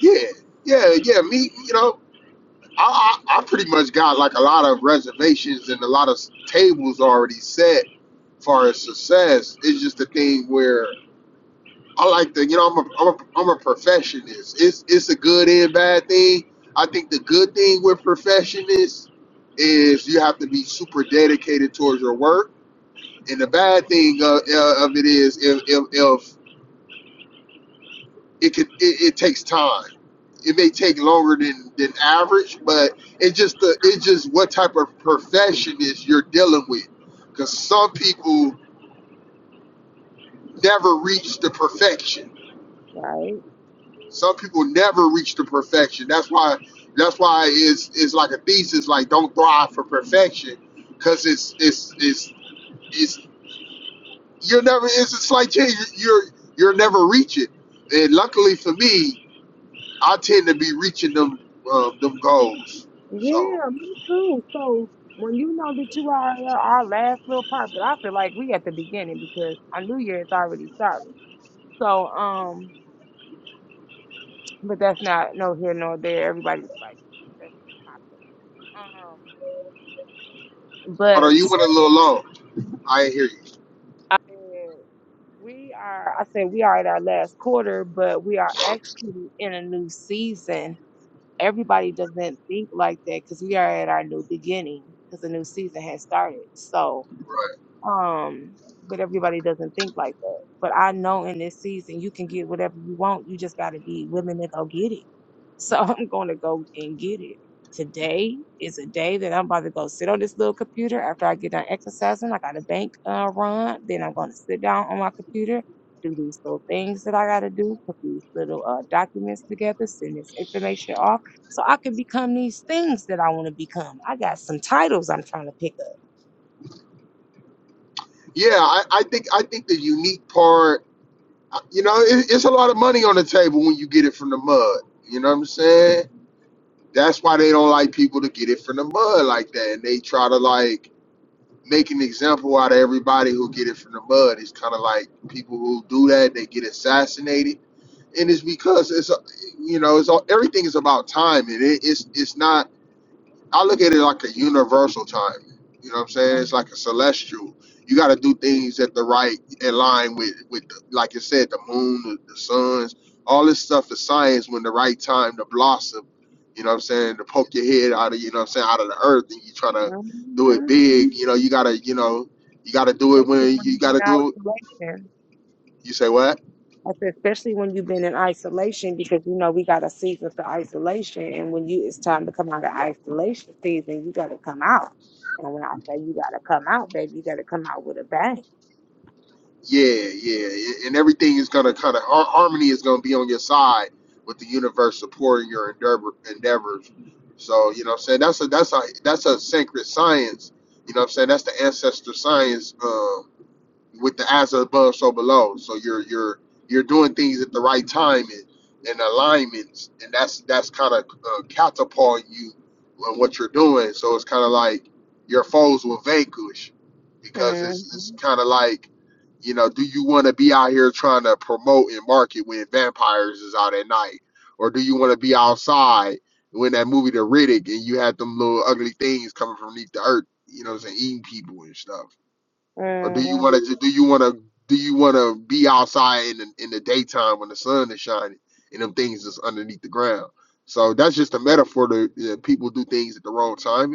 S2: Yeah, yeah, yeah, me, you know, I, I, I pretty much got like a lot of reservations and a lot of tables already set as far as success. It's just a thing where I like the, you know, I'm a, I'm a, I'm a perfectionist. It's, it's a good and bad thing. I think the good thing with perfectionists is you have to be super dedicated towards your work. And the bad thing of, uh, of it is if, if, if it could, it, it takes time. It may take longer than, than average, but it just the it just what type of perfectionist you're dealing with. Because some people never reach the perfection Some people never reach the perfection. That's why that's why it's it's like a thesis, like don't thrive for perfection. Cause it's it's it's it's you're never it's a slight change. You're you're never reach it. And luckily for me, I tend to be reaching them uh, them goals. So but are you went a little low? I ain't hear you. Yeah, I, I think I think the unique part, you know, it, it's a lot of money on the table when you get it from the mud. You know what I'm saying? That's why they don't like people to get it from the mud like that, and they try to like make an example out of everybody who get it from the mud. It's kind of like people who do that they get assassinated, and it's because it's uh, you know it's all, everything is about timing. It, it's it's not I look at it like a universal timing. You know what I'm saying? It's like a celestial. You got to do things at the right in line with with the, like you said, the moon, the, the suns, all this stuff. The science when the right time to blossom. You know what I'm saying? To poke your head out of you know what I'm saying out of the earth, and you trying to do it big. You know you gotta you know you gotta do it when you gotta do it. You say what? Yeah, yeah, yeah. and everything is gonna kind of har- harmony is gonna be on your side with the universe supporting your endeavor, endeavors. So you know, what I'm saying that's a that's a that's a sacred science. You know, what I'm saying that's the ancestor science. Uh, with the as above, so below. So you're you're you're doing things at the right time and, and alignments, and that's that's kind of uh, catapulting you on what you're doing. So it's kind of like your foes will vanquish because it's it's kind of like you know, do you want to be out here trying to promote and market when vampires is out at night, or do you want to be outside when that movie The Riddick and you had them little ugly things coming from beneath the earth, you know, what I'm saying eating people and stuff. Or do you want to do you want to do you want to be outside in the, in the daytime when the sun is shining and them things is underneath the ground? So that's just a metaphor that, that people do things at the wrong time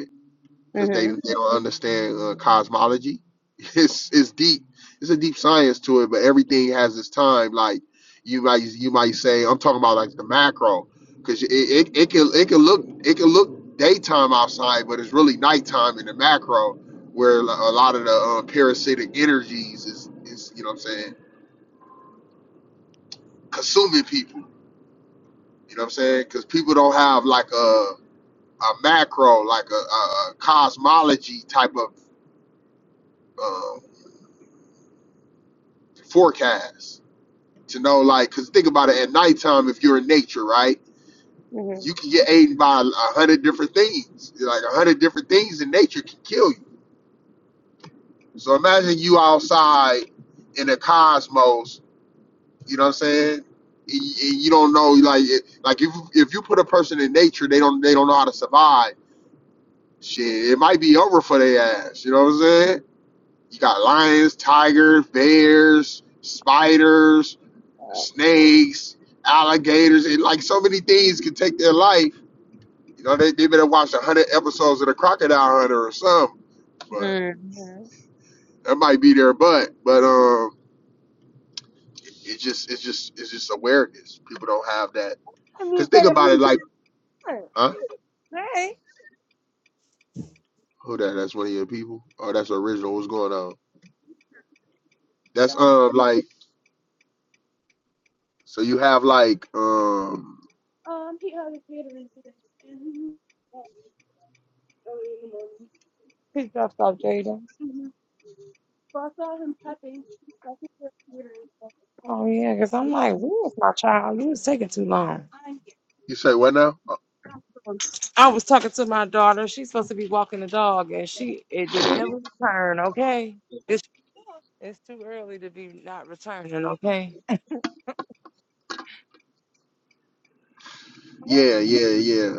S2: because they, they don't understand uh, cosmology. It's it's deep. It's a deep science to it, but everything has its time. Like you might you might say, I'm talking about like the macro, because it, it, it can it can look it can look daytime outside, but it's really nighttime in the macro, where a lot of the uh, parasitic energies is is you know what I'm saying consuming people. You know what I'm saying? Because people don't have like a a macro like a, a, a cosmology type of uh, forecast You know, like, cause think about it. At nighttime, if you're in nature, right, you can get eaten by a hundred different things. Like a hundred different things in nature can kill you. So imagine you outside in the cosmos. You know what I'm saying? And you and you don't know, like, it, like if if you put a person in nature, they don't they don't know how to survive. Shit, it might be over for their ass. You know what I'm saying? You got lions, tigers, bears, spiders snakes, alligators, and like so many things can take their life. You know, they, they better watch a hundred episodes of the Crocodile Hunter or something. But that might be their butt. But um, it, it just it's just it's just awareness. People don't have that. Cause think about it, like huh? Who that? That's one of your people. Oh, that's original. What's going on? That's um like so you have like um you say what now? Uh, Yeah, yeah, yeah.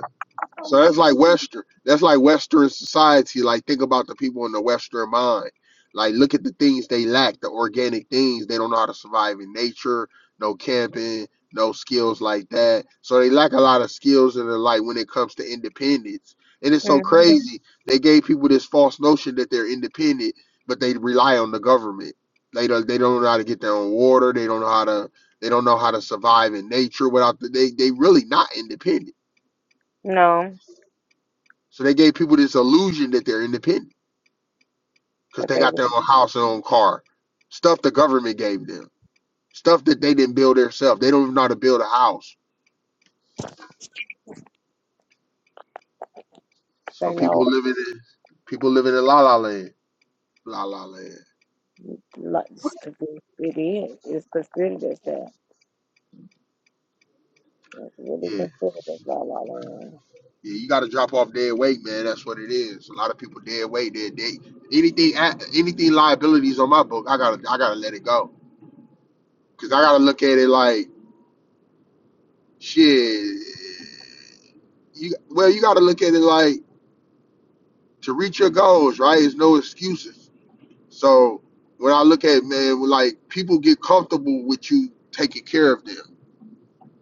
S2: So that's like Western. That's like Western society. Like think about the people in the Western mind. Like look at the things they lack, the organic things. They don't know how to survive in nature, no camping, no skills like that. So they lack a lot of skills in their life when it comes to independence. And it's so crazy. They gave people this false notion that they're independent, but they rely on the government. They don't they don't know how to get their own water. They don't know how to they don't know how to survive in nature without the, they they really not independent so they gave people this illusion that they're independent because they got their own house and own car. Stuff the government gave them. Stuff that they didn't build themselves. They don't even know how to build a house. So people living in people living in la la land. La la land. Yeah. Yeah, you gotta drop off dead weight, man. That's what it is. A lot of people dead weight, dead they anything anything liabilities on my book, I gotta I gotta let it go. Cause I gotta look at it like shit. You well, you gotta look at it like to reach your goals, right, It's no excuses. So when I look at it, man, like people get comfortable with you taking care of them.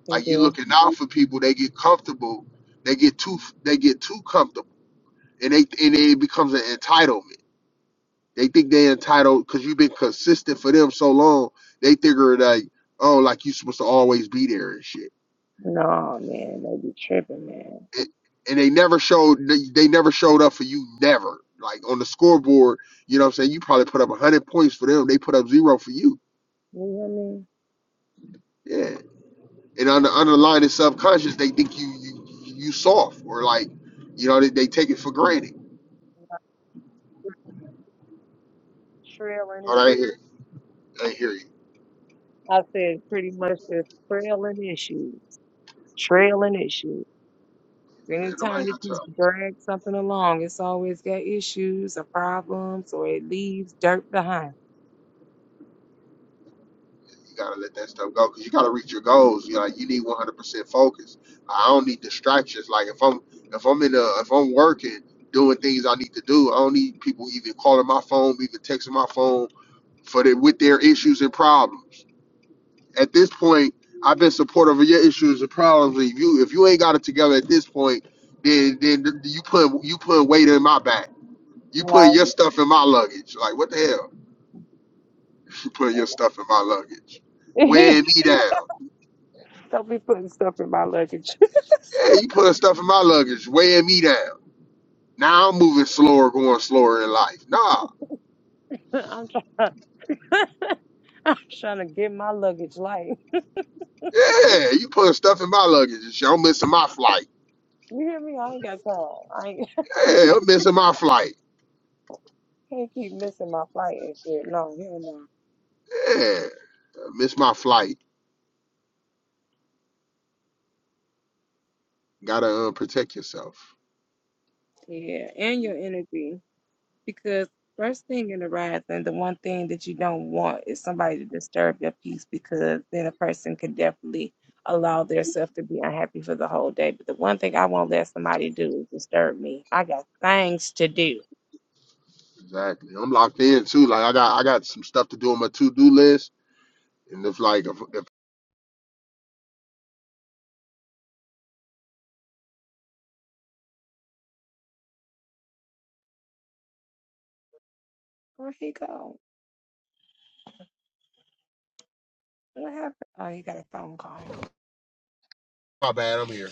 S2: Like you looking out for people, they get comfortable, they get too they get too comfortable. And they and it becomes an entitlement. They think they're entitled because you've been consistent for them so long, they figure like, oh, like you supposed to always be there and shit. and, and they never showed they, they never showed up for you never like on the scoreboard you know what i'm saying you probably put up 100 points for them they put up zero for you yeah and on the underlying subconscious they think you you you soft or like you know they, they take it for granted all right here i hear you Man, nobody got time. You gotta let that stuff go because you gotta reach your goals. You know, like, you need 100% focus. I don't need distractions. Like if I'm if I'm in a if I'm working doing things I need to do, I don't need people even calling my phone, even texting my phone for the, with their issues and problems. At this point, I've been supportive of your issues and problems. If you if you ain't got it together at this point, then then you put you put weight in my back. You putting your stuff in my luggage. Like what the hell? You putting your stuff in my luggage. Weighing me down. Yeah, you putting stuff in my luggage, weighing me down. Now I'm moving slower, going slower in life. Nah. Yeah, you putting stuff in my luggage. I'm missing my flight. Yeah, I'm missing my flight. Yeah. I miss my flight. Gotta uh, protect yourself. Exactly. I'm locked in too. Like I got I got some stuff to do on my to do list. And if like if, if my bad, I'm here.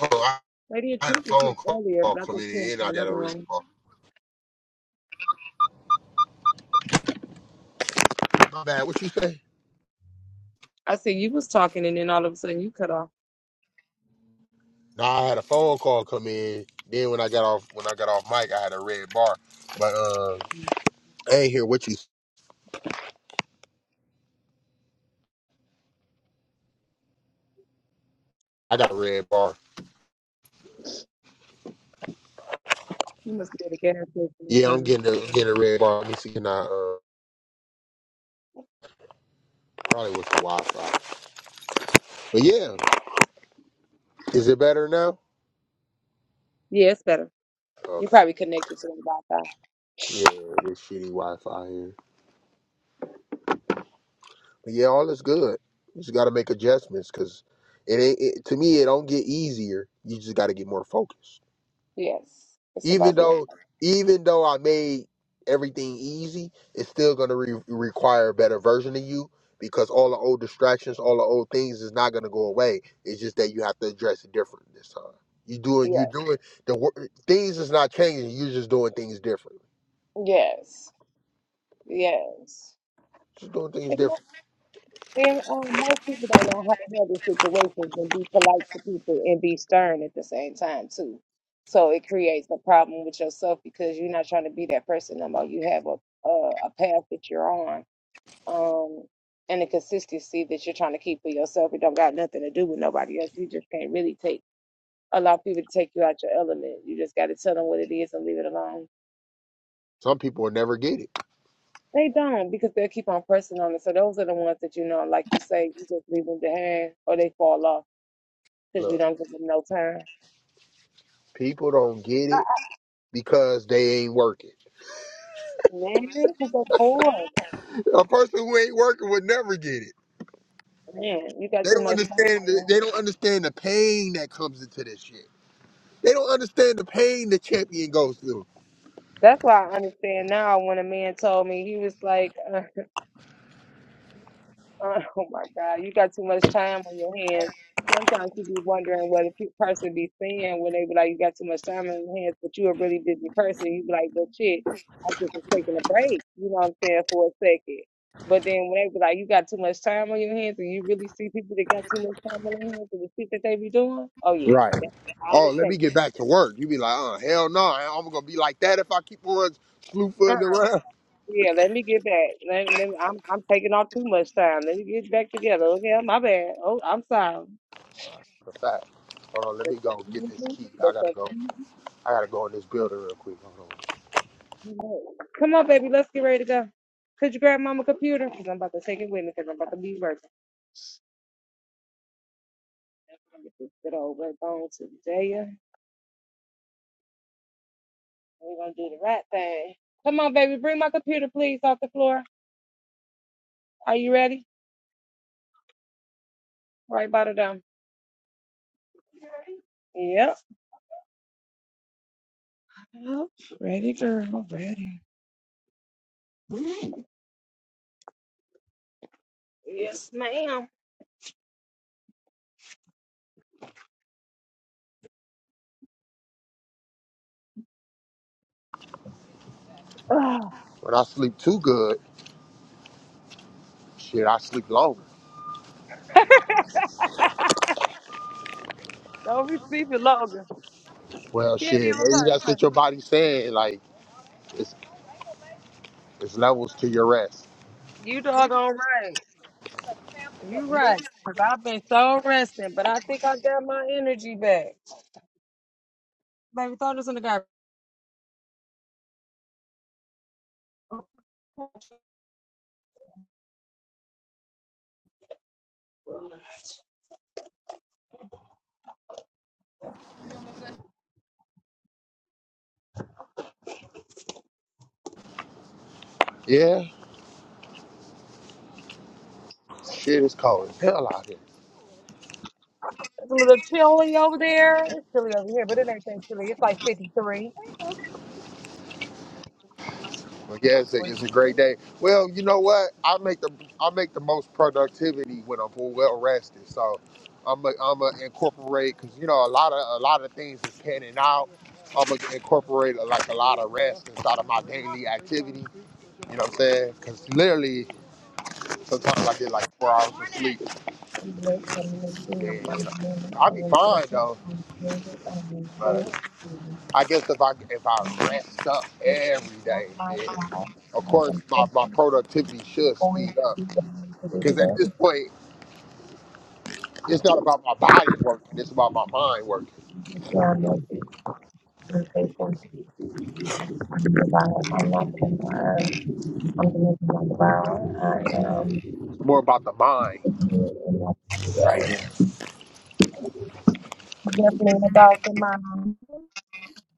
S2: Oh, I, I had a phone call come in and I got a ring call. My bad, what you say? No, I had a phone call come in. Then when I got off when I got off mic, I had a red bar. But uh, I ain't hear what you. s- I got a red bar. Yeah, I'm getting a I'm getting a red bar. Let me see. Can I uh, probably with the Wi-Fi. But yeah, is it better now? Okay. Yeah, this shitty Wi-Fi here. But yeah, all is good. You just got to make adjustments because it ain't. It, to me, it don't get easier. You just got to get more focused. even though even though I made everything easy, it's still going to re- require a better version of you because all the old distractions, all the old things is not going to go away. It's just that you have to address it different this time. You doing you doing the wor- things is not changing. You're just doing things different. Just doing things different. Some people will never get it. Look, people don't get it because they ain't working. A person who ain't working would never get it. They don't understand. The, they don't understand the pain that comes into this shit. They don't understand the pain the champion goes through. Right. Oh, let me get back to work. You be like, uh, hell no, I'm gonna be like that if I keep on slew footing around. For fact. Hold on, let me go get this key. I gotta go. I gotta go in this building real quick. Hold on. When I sleep too good, shit, I sleep longer. Well, shit, maybe that's what your body's saying. Like, it's it's levels to your rest. Yeah, shit, it's cold as hell out here. Well, yes, it- it's a great day. Well, you know what? I make the I make the most productivity when I'm well rested. So I'm i I'm gonna incorporate because you know a lot of a lot of things is panning out. I'm gonna incorporate uh, like a lot of rest inside of my daily activity. You know what I'm saying? Because literally sometimes I get like four hours of sleep. Then you know I'll be fine though. But I guess if I if I rest up every day, then of course my, my productivity should speed up. Because at this point, it's not about my body working, it's about my mind working. It's more about the mind. Right there.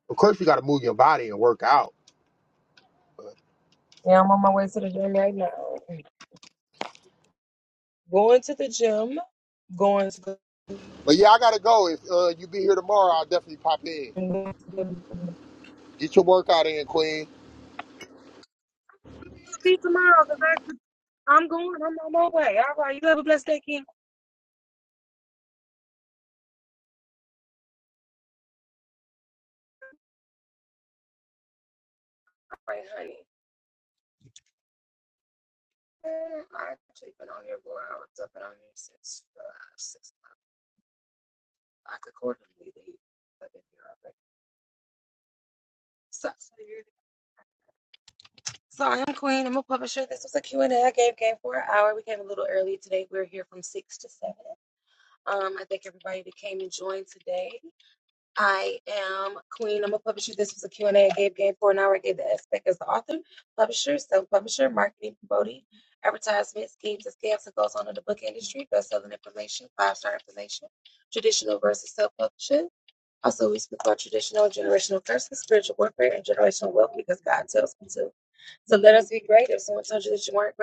S2: Of course, you got to move your body and work out. But yeah, I got to go. If uh, you be here tomorrow, I'll definitely pop in. Get your workout in, Queen.
S1: hear from six to seven. Um, I thank everybody that came and joined today. I am Queen. I'm a publisher. This was a Q and A I gave game for an hour. I gave the aspect as the author, publisher, self-publisher, marketing, promoting, advertisement, schemes, and scams that goes on in the book industry, best-selling information, five-star information, traditional versus self-publishing. Also, we speak about traditional and generational curses, spiritual warfare, and generational wealth because God tells me to. So let us be great. If someone told you that you weren't